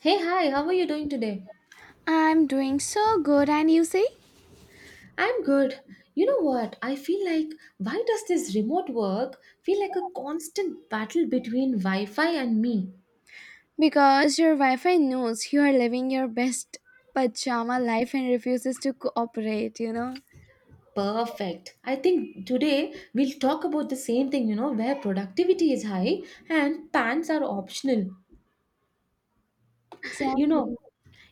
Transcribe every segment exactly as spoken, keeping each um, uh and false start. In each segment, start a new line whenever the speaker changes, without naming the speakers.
Hey, hi, how are you doing today?
I'm doing so good, and you see?
I'm good. You know what? I feel like why does this remote work feel like a constant battle between Wi Fi and me?
Because your Wi-Fi knows you are living your best pajama life and refuses to cooperate, you know?
Perfect. I think today we'll talk about the same thing, you know, where productivity is high and pants are optional. You
Exactly.
know,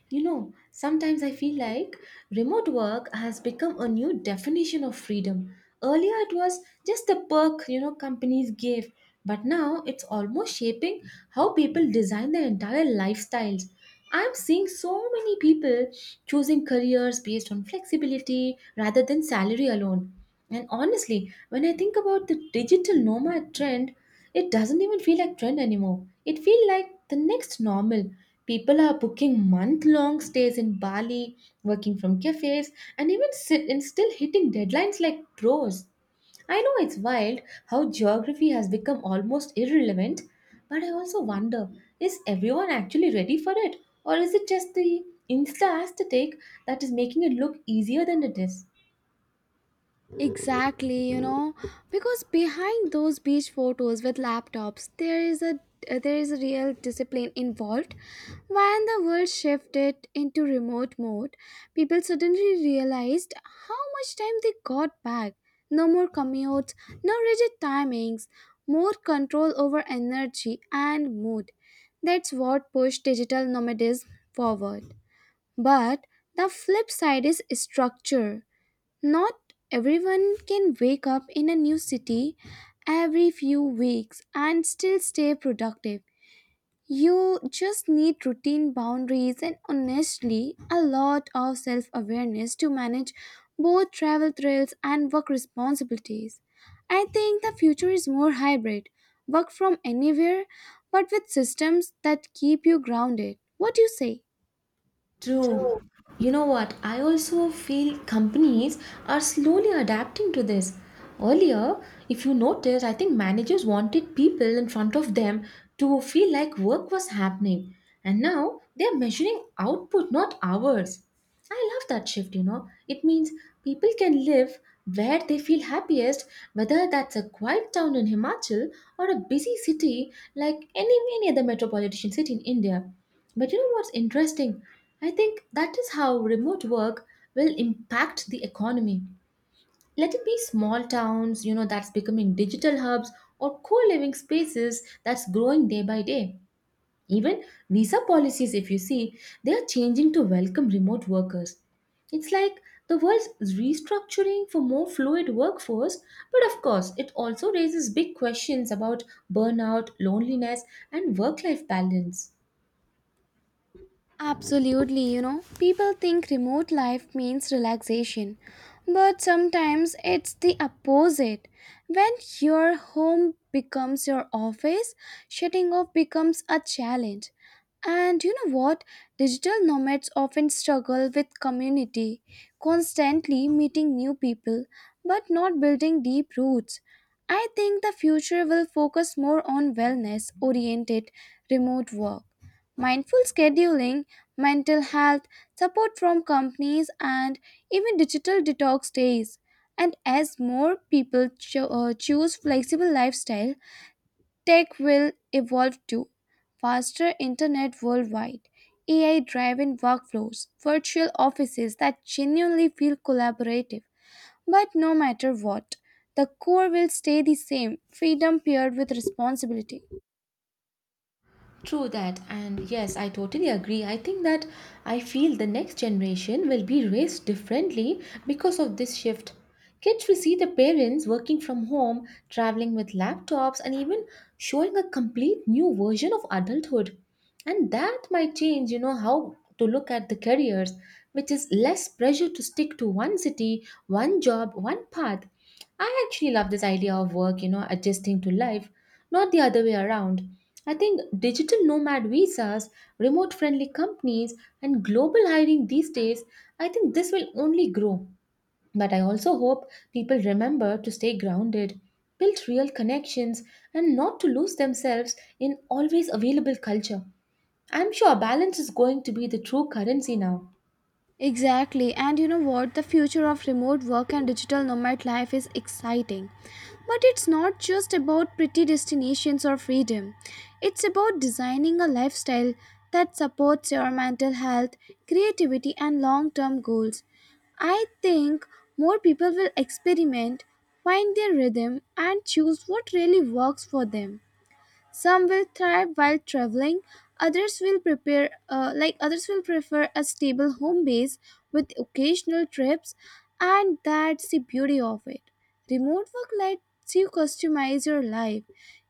You know, sometimes I feel like remote work has become a new definition of freedom. Earlier, it was just a perk, you know, companies gave, but now it's almost shaping how people design their entire lifestyles. I'm seeing so many people choosing careers based on flexibility rather than salary alone. And honestly, when I think about the digital nomad trend, it doesn't even feel like trend anymore. It feels like the next normal. People are booking month long stays in Bali, working from cafes, and even sit and still hitting deadlines like pros. I know it's wild how geography has become almost irrelevant, but I also wonder, is everyone actually ready for it? Or is it just the Insta aesthetic that is making it look easier than it is?
Exactly, you know, because behind those beach photos with laptops, there is a uh, there is a real discipline involved. When the world shifted into remote mode, people suddenly realized how much time they got back. No more commutes, no rigid timings, more control over energy and mood. That's what pushed digital nomadism forward. But the flip side is structure. Not everyone can wake up in a new city every few weeks and still stay productive. You just need routine boundaries and honestly a lot of self awareness to manage both travel thrills and work responsibilities. I think the future is more hybrid work from anywhere but with systems that keep you grounded. What do you say?
True. You know what? I also feel companies are slowly adapting to this. Earlier, if you notice, I think managers wanted people in front of them to feel like work was happening. And now they're measuring output, not hours. I love that shift, you know. It means people can live where they feel happiest, whether that's a quiet town in Himachal or a busy city like any, any other metropolitan city in India. But you know what's interesting? I think that is how remote work will impact the economy. Let it be small towns, you know, that's becoming digital hubs or co living spaces that's growing day by day. Even visa policies, if you see, they are changing to welcome remote workers. It's like the world's restructuring for more fluid workforce, but of course, it also raises big questions about burnout, loneliness, and work life balance.
Absolutely, you know, people think remote life means relaxation, but sometimes it's the opposite. When your home becomes your office, shutting off becomes a challenge. And you know what? Digital nomads often struggle with community, constantly meeting new people, but not building deep roots. I think the future will focus more on wellness oriented remote work. Mindful scheduling, mental health, support from companies, and even digital detox days. And as more people cho- uh, choose flexible lifestyle, tech will evolve too. Faster internet worldwide, A I driven workflows, virtual offices that genuinely feel collaborative. But no matter what, the core will stay the same freedom paired with responsibility.
True that, and yes, I totally agree. I think that I feel the next generation will be raised differently because of this shift. Kids will see the parents working from home, traveling with laptops, and even showing a complete new version of adulthood. And that might change, you know, how to look at the careers, which is less pressure to stick to one city, one job, one path. I actually love this idea of work, you know, adjusting to life, not the other way around. I think digital nomad visas, remote friendly companies, and global hiring these days, I think this will only grow. But I also hope people remember to stay grounded, build real connections, and not to lose themselves in always available culture. I'm sure balance is going to be the true currency now.
Exactly, and you know what? The future of remote work and digital nomad life is exciting. But it's not just about pretty destinations or freedom, it's about designing a lifestyle that supports your mental health, creativity, and long term goals. I think more people will experiment, find their rhythm, and choose what really works for them. Some will thrive while traveling, others will prepare uh, like others will prefer a stable home base with occasional trips and that's the beauty of it. Remote work lets you customize your life.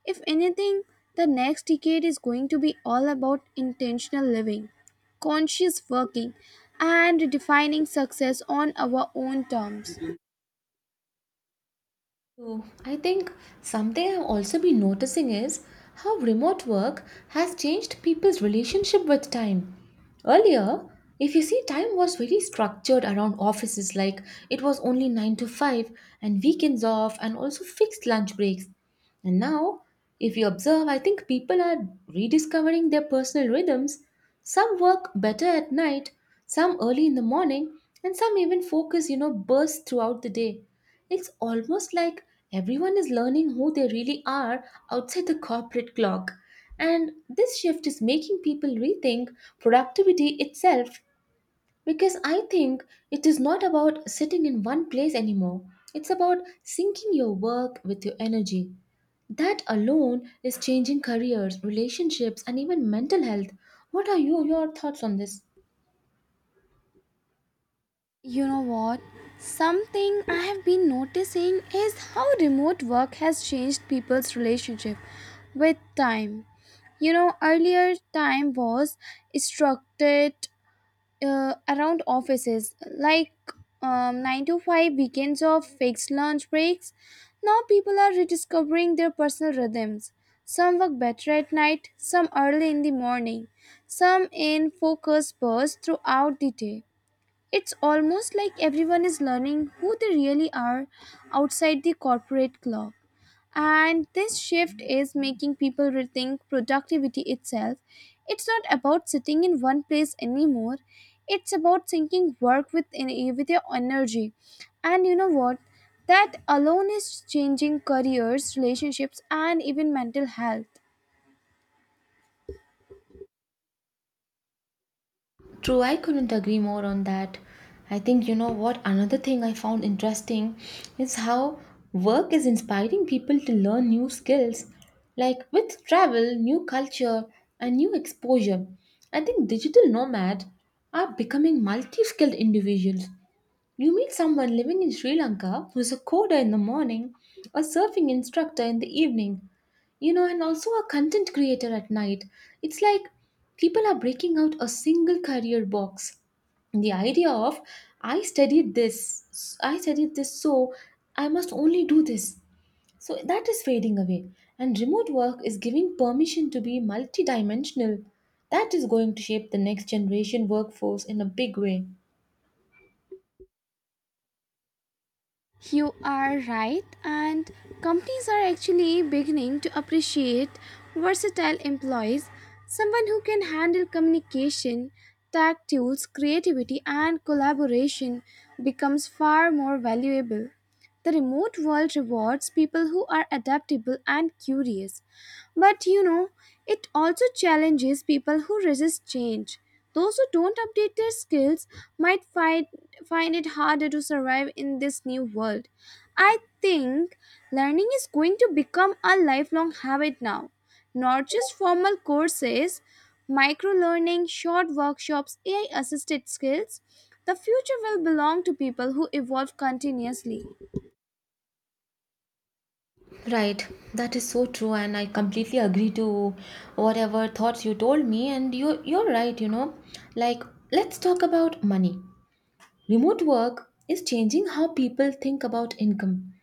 If anything, the next decade is going to be all about intentional living, conscious working and defining success on our own terms.
So, I think something I've also been noticing is how remote work has changed people's relationship with time. Earlier, if you see, time was very structured around offices, like it was only nine to five and weekends off and also fixed lunch breaks. And now, if you observe, I think people are rediscovering their personal rhythms. Some work better at night, some early in the morning, and some even focus, you know, bursts throughout the day. It's almost like everyone is learning who they really are outside the corporate clock. And this shift is making people rethink productivity itself because I think it is not about sitting in one place anymore. It's about syncing your work with your energy. That alone is changing careers, relationships, and even mental health. What are you, your thoughts on this?
You know what? Something I have been noticing is how remote work has changed people's relationship with time. You know, earlier time was structured uh, around offices, like um, nine to five weekends of fixed lunch breaks. Now people are rediscovering their personal rhythms. Some work better at night, some early in the morning, some in focus bursts throughout the day. It's almost like everyone is learning who they really are outside the corporate clock. And this shift is making people rethink productivity itself. It's not about sitting in one place anymore. It's about thinking work with en- with your energy. And you know what? That alone is changing careers, relationships and even mental health.
True, I couldn't agree more on that. I think you know what, another thing I found interesting is how work is inspiring people to learn new skills, like with travel, new culture and new exposure. I think digital nomads are becoming multi-skilled individuals. You meet someone living in Sri Lanka who's a coder in the morning, a surfing instructor in the evening, you know, and also a content creator at night. It's like people are breaking out a single career box. The idea of I studied this, I studied this, so I must only do this. So that is fading away. And remote work is giving permission to be multidimensional. That is going to shape the next generation workforce in a big way.
You are right, and companies are actually beginning to appreciate versatile employees, someone who can handle communication, tech tools, creativity, and collaboration becomes far more valuable. The remote world rewards people who are adaptable and curious. But you know, it also challenges people who resist change. Those who don't update their skills might find, find it harder to survive in this new world. I think learning is going to become a lifelong habit now. Not just formal courses, micro learning, short workshops, A I assisted skills. The future will belong to people who evolve continuously.
Right, that is so true, and I completely agree to whatever thoughts you told me. And you, you're right, you know. Like, let's talk about money. Remote work is changing how people think about income.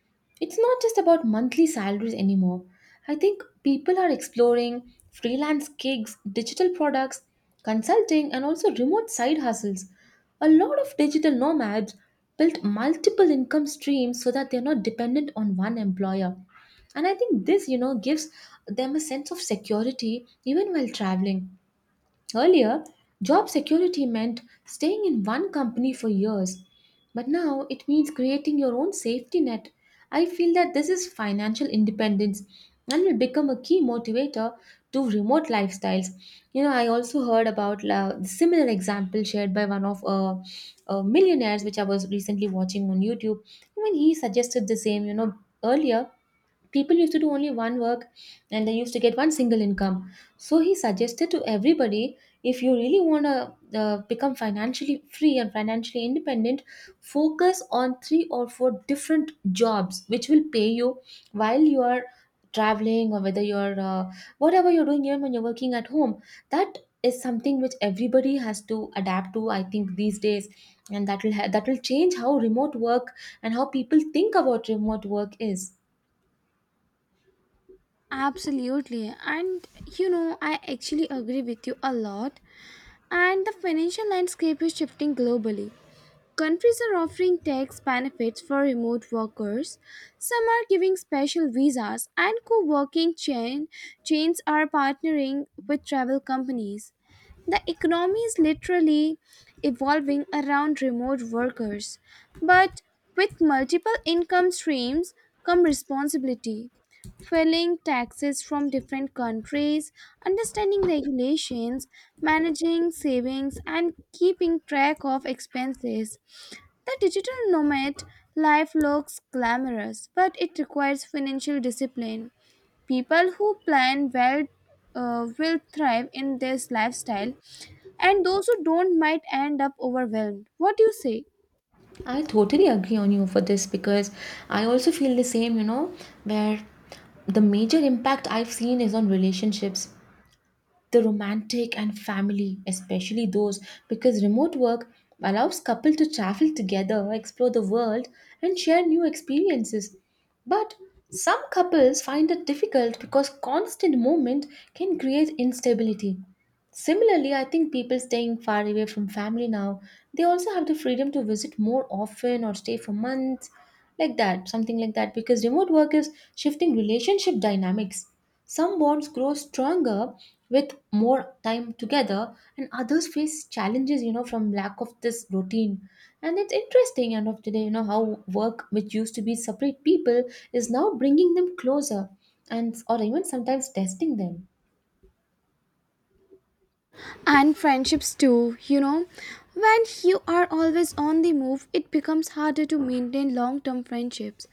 It's not just about monthly salaries anymore. I think people are exploring freelance gigs, digital products, consulting, and also remote side hustles. A lot of digital nomads built multiple income streams so that they're not dependent on one employer. And I think this, you know, gives them a sense of security even while traveling. Earlier, job security meant staying in one company for years, but now it means creating your own safety net. I feel that this is financial independence and will become a key motivator to remote lifestyles. You know, I also heard about la- the similar example shared by one of uh, uh, millionaires, which I was recently watching on YouTube. When he suggested the same, you know, earlier people used to do only one work and they used to get one single income, so he suggested to everybody, if you really want to uh, become financially free and financially independent, focus on three or four different jobs which will pay you while you are traveling, or whether you're uh, whatever you're doing, even when you're working at home. That is something which everybody has to adapt to, I think, these days. And that will ha- that will change how remote work and how people think about remote work is.
Absolutely. And you know, I actually agree with you a lot. And the financial landscape is shifting globally. Countries are offering tax benefits for remote workers. Some are giving special visas, and co working chain, chains are partnering with travel companies. The economy is literally evolving around remote workers. But with multiple income streams come responsibility. Filing taxes from different countries, understanding regulations, managing savings, and keeping track of expenses. The digital nomad life looks glamorous, but it requires financial discipline. People who plan well uh, will thrive in this lifestyle, and those who don't might end up overwhelmed. What do you say?
I totally agree on you for this because I also feel the same, you know, where the major impact I've seen is on relationships, the romantic and family, especially those, because remote work allows couples to travel together, explore the world, and share new experiences. But some couples find it difficult because constant movement can create instability. Similarly, I think people staying far away from family now, they also have the freedom to visit more often or stay for months, like that, something like that, because remote work is shifting relationship dynamics. Some bonds grow stronger with more time together, and others face challenges, you know, from lack of this routine. And it's interesting, end of the day, you know, how work, which used to be separate people, is now bringing them closer and or even sometimes testing them.
And friendships too, you know, when you are always on the move it becomes harder to maintain long-term friendships.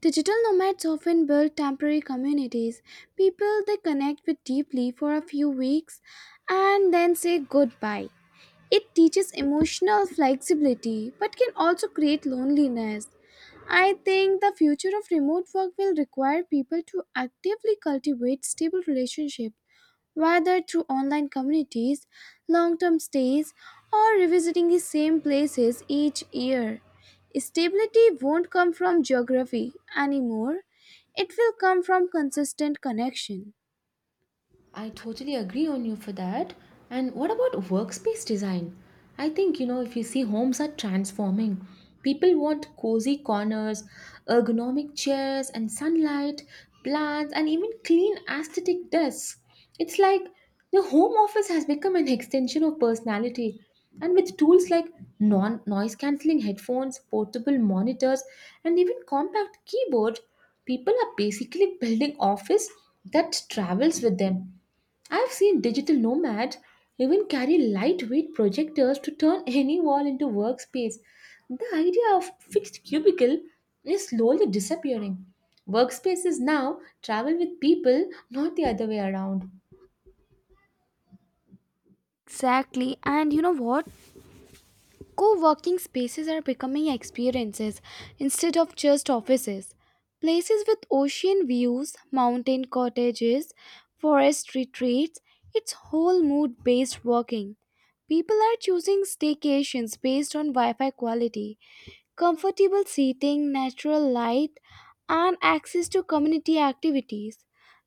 Digital nomads often build temporary communities, people they connect with deeply for a few weeks and then say goodbye. It teaches emotional flexibility but can also create loneliness. I think the future of remote work will require people to actively cultivate stable relationships, whether through online communities, long term stays, or revisiting the same places each year. Stability won't come from geography anymore, it will come from consistent connection.
I totally agree on you for that. And what about workspace design? I think, you know, if you see homes are transforming, people want cozy corners, ergonomic chairs, and sunlight, plants, and even clean aesthetic desks. It's like the home office has become an extension of personality. And with tools like non noise cancelling headphones, portable monitors, and even compact keyboard, people are basically building office that travels with them. I've seen digital nomads even carry lightweight projectors to turn any wall into workspace. The idea of fixed cubicle is slowly disappearing. Workspaces now travel with people, not the other way around.
Exactly. And you know what? Co working spaces are becoming experiences instead of just offices. Places with ocean views, mountain cottages, forest retreats, it's whole mood based working. People are choosing staycations based on Wi Fi quality comfortable seating, natural light, and access to community activities.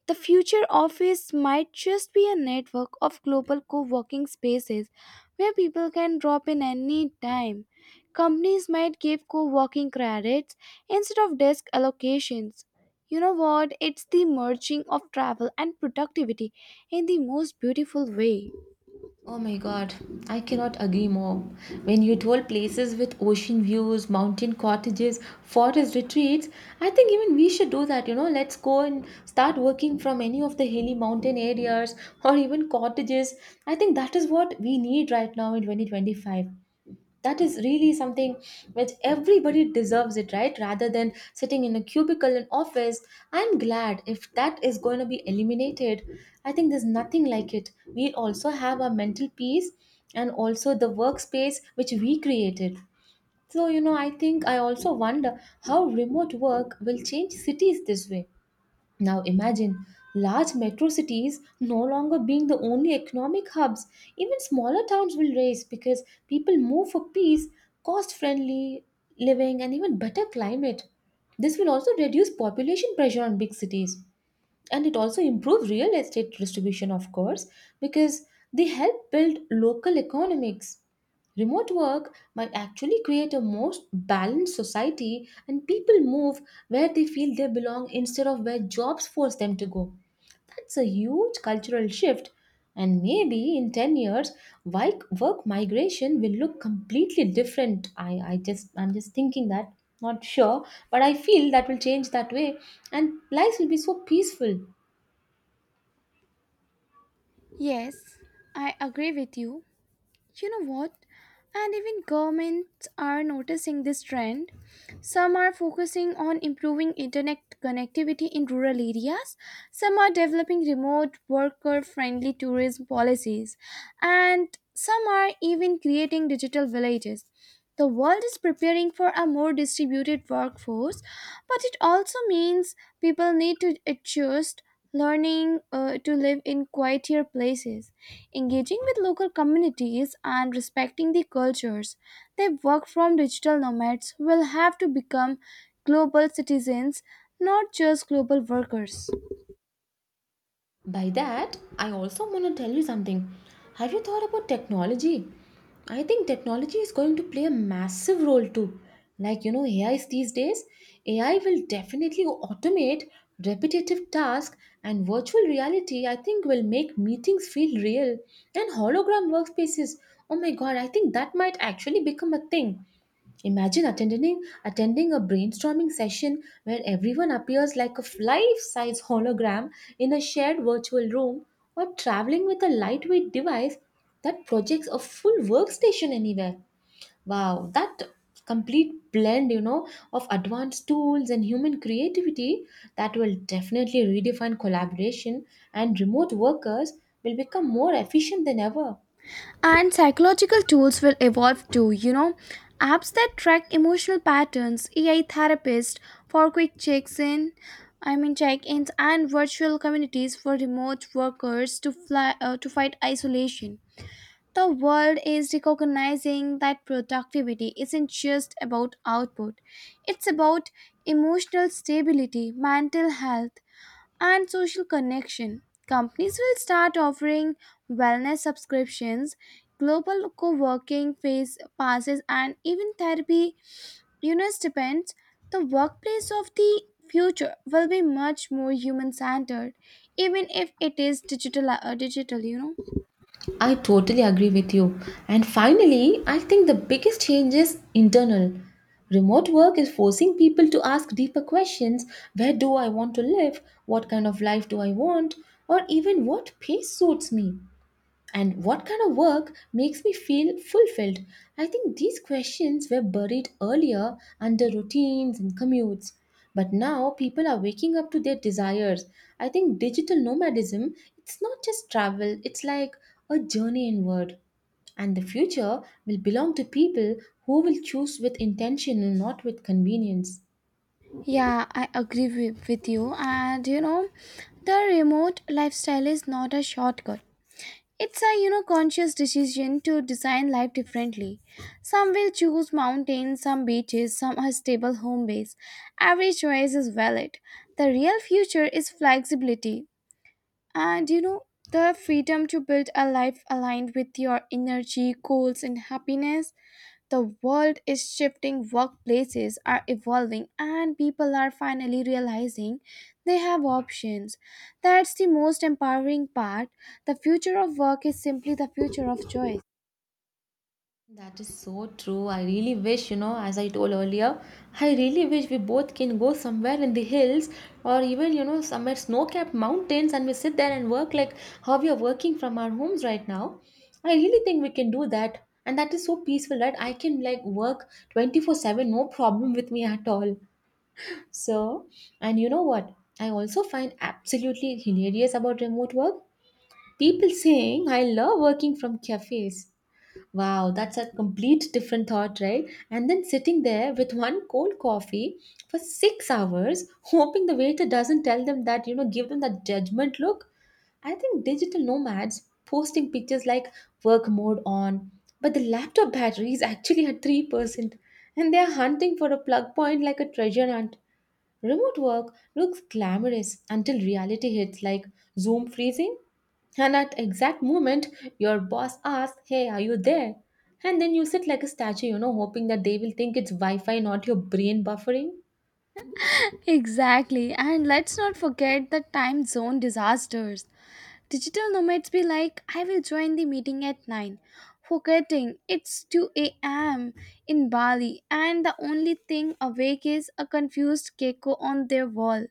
The future office might just be a network of global co working spaces where people can drop in any time. Companies might give co working credits instead of desk allocations. You know what? It's the merging of travel and productivity in the most beautiful way.
Oh my god, I cannot agree more. When you told places with ocean views, mountain cottages, forest retreats, I think even we should do that, you know. Let's go and start working from any of the hilly mountain areas or even cottages. I think that is what we need right now in twenty twenty-five. That is really something which everybody deserves it, right, rather than sitting in a cubicle in office. I'm glad if that is going to be eliminated. I think there's nothing like it. We also have our mental peace and also the workspace which we created. So you know, I think I also wonder how remote work will change cities this way. Now imagine large metro cities no longer being the only economic hubs. Even smaller towns will rise because people move for peace, cost friendly living, and even better climate. This will also reduce population pressure on big cities and it also improve real estate distribution of course, because they help build local economics. Remote work might actually create a more balanced society and people move where they feel they belong instead of where jobs force them to go. That's a huge cultural shift, and maybe in ten years wi- work migration will look completely different. I i just I'm just thinking that, not sure, but I feel that will change that way. And lives will be so peaceful.
Yes, I agree with you. You know what? And even governments are noticing this trend. Some are focusing on improving internet connectivity in rural areas. Some are developing remote worker friendly tourism policies. And some are even creating digital villages. The world is preparing for a more distributed workforce, but it also means people need to adjust, learning uh, to live in quieter places, engaging with local communities and respecting the cultures they work from. Digital nomads will have to become global citizens, not just global workers.
By that, I also want to tell you something. Have you thought about technology? I think technology is going to play a massive role too. Like, you know, A Is these days, A I will definitely automate repetitive tasks, and virtual reality, I think, will make meetings feel real. And hologram workspaces, oh my god, I think that might actually become a thing. Imagine attending attending a brainstorming session where everyone appears like a life-size hologram in a shared virtual room, or traveling with a lightweight device that projects a full workstation anywhere. Wow, that complete blend, you know, of advanced tools and human creativity that will definitely redefine collaboration, and remote workers will become more efficient than ever.
And psychological tools will evolve too, you know, apps that track emotional patterns, AI therapists for quick checks in I mean check-ins and virtual communities for remote workers to fly uh, to fight isolation. The world is recognizing that productivity isn't just about output, it's about emotional stability, mental health, and social connection. Companies will start offering wellness subscriptions, global co working phase passes, and even therapy. You know, stipends. The workplace of the future will be much more human centered, even if it is digital, uh, digital, you know.
I totally agree with you. And finally, I think the biggest change is internal. Remote work is forcing people to ask deeper questions. Where do I want to live? What kind of life do I want? Or even, what pace suits me? And what kind of work makes me feel fulfilled? I think these questions were buried earlier under routines and commutes. But now people are waking up to their desires. I think digital nomadism, it's not just travel, it's like a journey inward. And the future will belong to people who will choose with intention and not with convenience.
Yeah, I agree with, with you. And you know, the remote lifestyle is not a shortcut. It's a, you know, conscious decision to design life differently. Some will choose mountains, some beaches, some a stable home base. Every choice is valid. The real future is flexibility and, you know, the freedom to build a life aligned with your energy, goals and happiness. The world is shifting, workplaces are evolving, and people are finally realizing they have options. That's the most empowering part. The future of work is simply the future of choice.
That is so true. I really wish, you know, as I told earlier, I really wish we both can go somewhere in the hills, or even, you know, somewhere snow capped mountains, and we sit there and work like how we are working from our homes right now. I really think we can do that. And that is so peaceful, right? I can like work twenty four seven, no problem with me at all. So, and you know what? I also find absolutely hilarious about remote work. People saying, "I love working from cafes." Wow, that's a complete different thought, right? And then sitting there with one cold coffee for six hours, hoping the waiter doesn't tell them that, you know, give them that judgment look. I think digital nomads posting pictures like "work mode on," but the laptop battery is actually at three percent, and they are hunting for a plug point like a treasure hunt. Remote work looks glamorous until reality hits, like Zoom freezing. And at exact moment, your boss asks, "Hey, are you there?" And then you sit like a statue, you know, hoping that they will think it's Wi Fi, not your brain buffering.
Exactly, and let's not forget the time zone disasters. Digital nomads be like, I will join the meeting at nine, forgetting it's two a m in Bali, and the only thing awake is a confused gecko on their wall.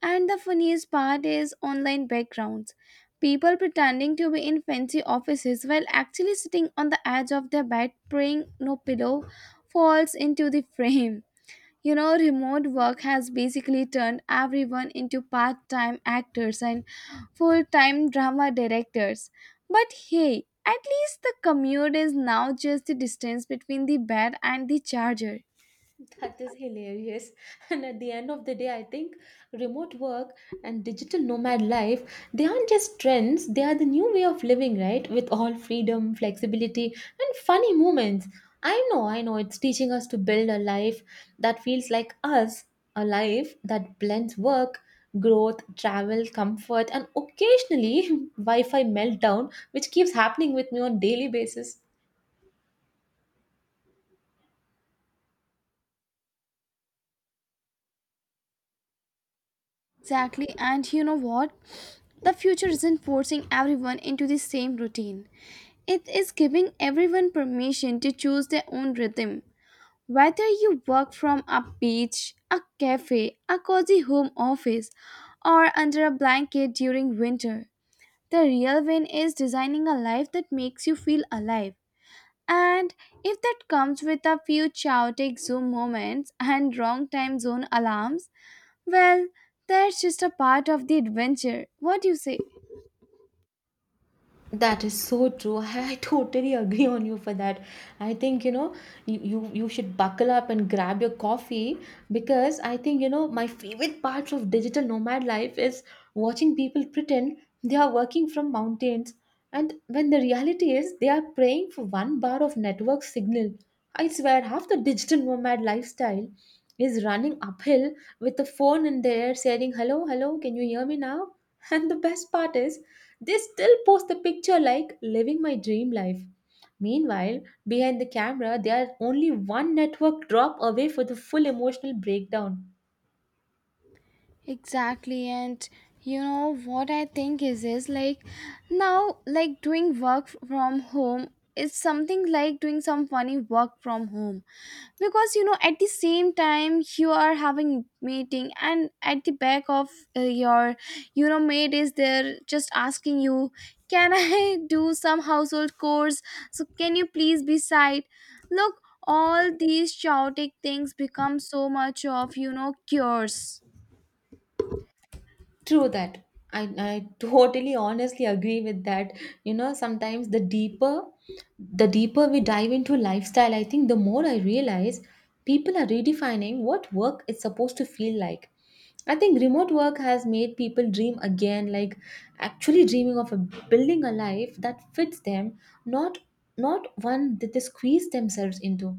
And the funniest part is online backgrounds. People pretending to be in fancy offices while actually sitting on the edge of their bed praying no pillow falls into the frame. You know, remote work has basically turned everyone into part time actors and full time drama directors. But hey, at least the commute is now just the distance between the bed and the charger.
That is hilarious. And at the end of the day, I think remote work and digital nomad life, they aren't just trends, they are the new way of living, right? With all freedom, flexibility, and funny moments. I know, I know, it's teaching us to build a life that feels like us, a life that blends work, growth, travel, comfort, and occasionally Wi Fi meltdown, which keeps happening with me on daily basis.
Exactly. And you know what? The future isn't forcing everyone into the same routine. It is giving everyone permission to choose their own rhythm. Whether you work from a beach, a cafe, a cozy home office, or under a blanket during winter, the real win is designing a life that makes you feel alive. And if that comes with a few chaotic Zoom moments and wrong time zone alarms, well, that's just a part of the adventure. What do you say?
That is so true. I, I totally agree on you for that. I think, you know, you, you you should buckle up and grab your coffee, because I think, you know, my favorite part of digital nomad life is watching people pretend they are working from mountains, and when the reality is they are praying for one bar of network signal. I swear half the digital nomad lifestyle is running uphill with the phone in the air, saying, "Hello, hello, can you hear me now?" And the best part is they still post the picture like "living my dream life." Meanwhile, behind the camera, they are only one network drop away for the full emotional breakdown.
Exactly, and you know what I think is is like now like doing work from home is something like doing some funny work from home because, you know, at the same time you are having meeting and at the back of uh, your, you know, maid is there just asking you can I do some household chores, so can you please be side. Look, all these chaotic things become so much of, you know, cures.
True that. I, I totally honestly agree with that. You know, sometimes the deeper the deeper we dive into lifestyle, I think the more I realize people are redefining what work is supposed to feel like. I think remote work has made people dream again, like actually dreaming of a, building a life that fits them, not not one that they squeeze themselves into.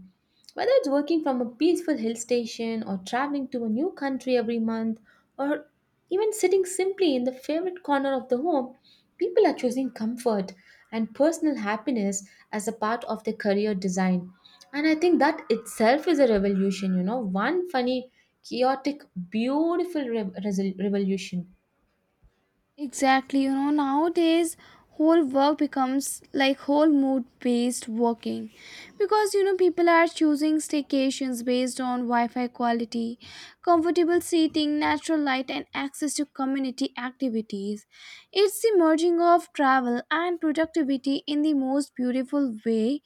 Whether it's working from a peaceful hill station, or traveling to a new country every month, or even sitting simply in the favorite corner of the home, people are choosing comfort and personal happiness as a part of their career design. And I think that itself is a revolution, you know, one funny, chaotic, beautiful re- resol- revolution.
Exactly, you know, nowadays whole work becomes like whole mood based working because, you know, people are choosing staycations based on Wi-Fi quality, comfortable seating, natural light and access to community activities. It's the merging of travel and productivity in the most beautiful way.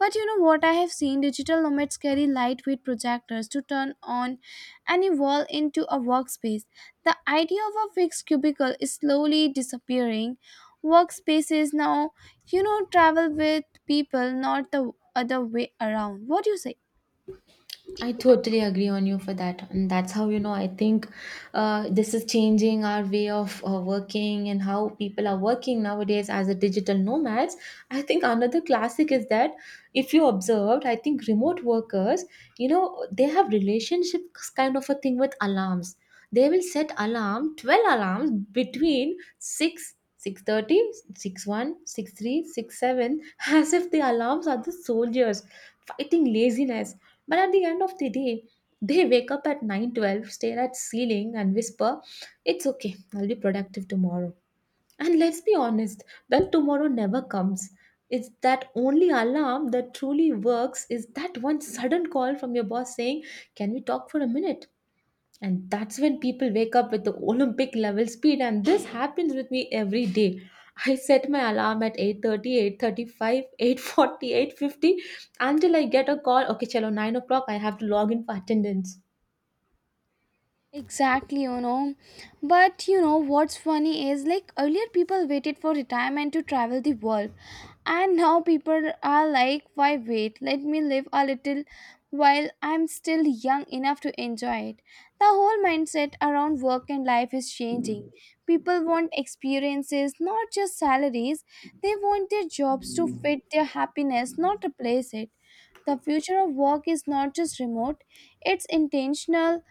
But you know what, I have seen digital nomads carry lightweight projectors to turn on any wall into a workspace. The idea of a fixed cubicle is slowly disappearing. Workspaces now, you know, travel with people, not the other way around. What do you say?
I totally agree on you for that. And that's how, you know, I think uh, this is changing our way of uh, working and how people are working nowadays as a digital nomads. I think another classic is that, if you observed, I think remote workers, you know, they have relationships kind of a thing with alarms. They will set alarm, twelve alarms between 6 six thirty, six one, six three, six seven, as if the alarms are the soldiers fighting laziness. But at the end of the day, they wake up at nine twelve, stare at ceiling and whisper, "It's okay. I'll be productive tomorrow." And let's be honest, that tomorrow never comes. It's that only alarm that truly works is that one sudden call from your boss saying, "Can we talk for a minute?" And that's when people wake up with the Olympic level speed, and this happens with me every day. I set my alarm at eight thirty, eight thirty five, eight forty, eight fifty, until I get a call. Okay, chalo, nine o'clock, I have to log in for attendance.
Exactly, you know. But you know what's funny is like earlier people waited for retirement to travel the world, and now people are like, why wait? Let me live a little while I'm still young enough to enjoy it. The whole mindset around work and life is changing. People want experiences, not just salaries. They want their jobs to fit their happiness, not replace it. The future of work is not just remote, it's intentional,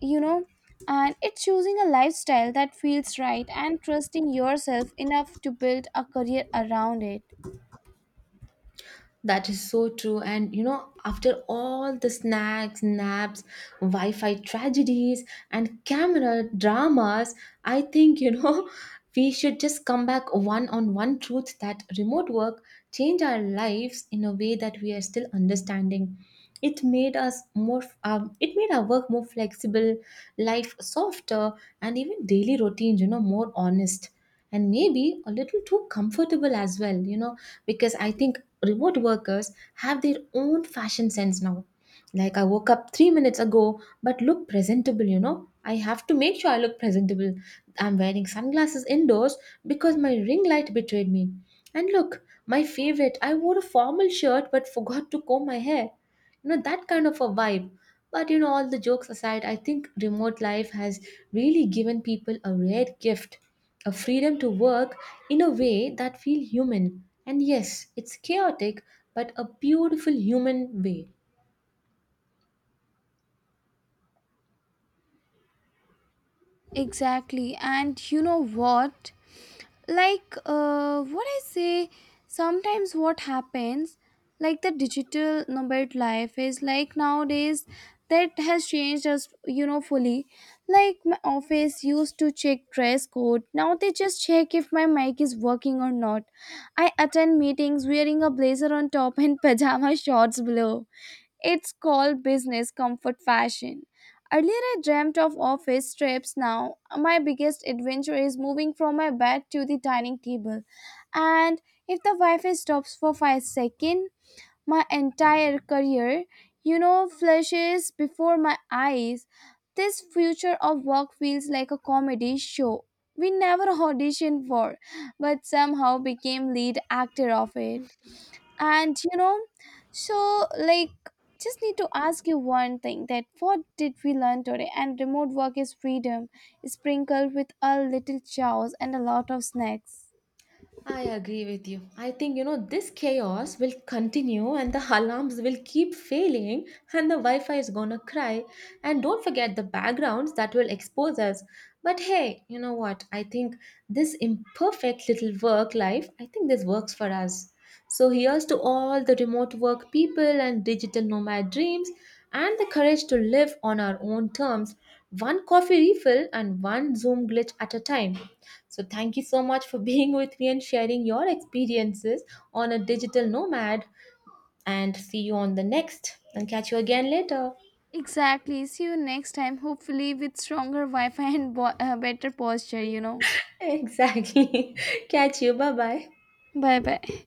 you know, and it's choosing a lifestyle that feels right and trusting yourself enough to build a career around it.
That is so true. And you know, after all the snacks, naps, Wi Fi tragedies, and camera dramas, I think, you know, we should just come back one on one truth that remote work changed our lives in a way that we are still understanding. It made us more, um, it made our work more flexible, life softer, and even daily routines, you know, more honest. And maybe a little too comfortable as well, you know, because I think remote workers have their own fashion sense now. Like, "I woke up three minutes ago, but look presentable," you know. I have to make sure I look presentable. I'm wearing sunglasses indoors because my ring light betrayed me. And look, my favorite, I wore a formal shirt but forgot to comb my hair. You know, that kind of a vibe. But you know, all the jokes aside, I think remote life has really given people a rare gift, a freedom to work in a way that feels human. And yes, it's chaotic, but a beautiful human way.
Exactly. And you know what? Like, uh, what I say, sometimes what happens, like the digital nomad life is like nowadays that has changed us, you know, fully. Like, my office used to check dress code. Now they just check if my mic is working or not. I attend meetings wearing a blazer on top and pajama shorts below. It's called business comfort fashion. Earlier, I dreamt of office trips. Now, my biggest adventure is moving from my bed to the dining table. And if the Wi Fi stops for five seconds, my entire career, you know, flashes before my eyes. This future of work feels like a comedy show we never auditioned for, but somehow became lead actor of it. And, you know, so like, just need to ask you one thing, that what did we learn today? And remote work is freedom sprinkled with a little chaos and a lot of snacks.
I agree with you. I think, you know, this chaos will continue, and the alarms will keep failing and the Wi Fi is gonna cry. And don't forget the backgrounds that will expose us. But hey, you know what? I think this imperfect little work life, I think this works for us. So here's to all the remote work people and digital nomad dreams and the courage to live on our own terms, one coffee refill and one Zoom glitch at a time. So, thank you so much for being with me and sharing your experiences on a digital nomad. And see you on the next and catch you again later.
Exactly, see you next time, hopefully with stronger Wi-Fi and bo- uh, better posture, you know.
Exactly. Catch you. Bye bye.
Bye bye.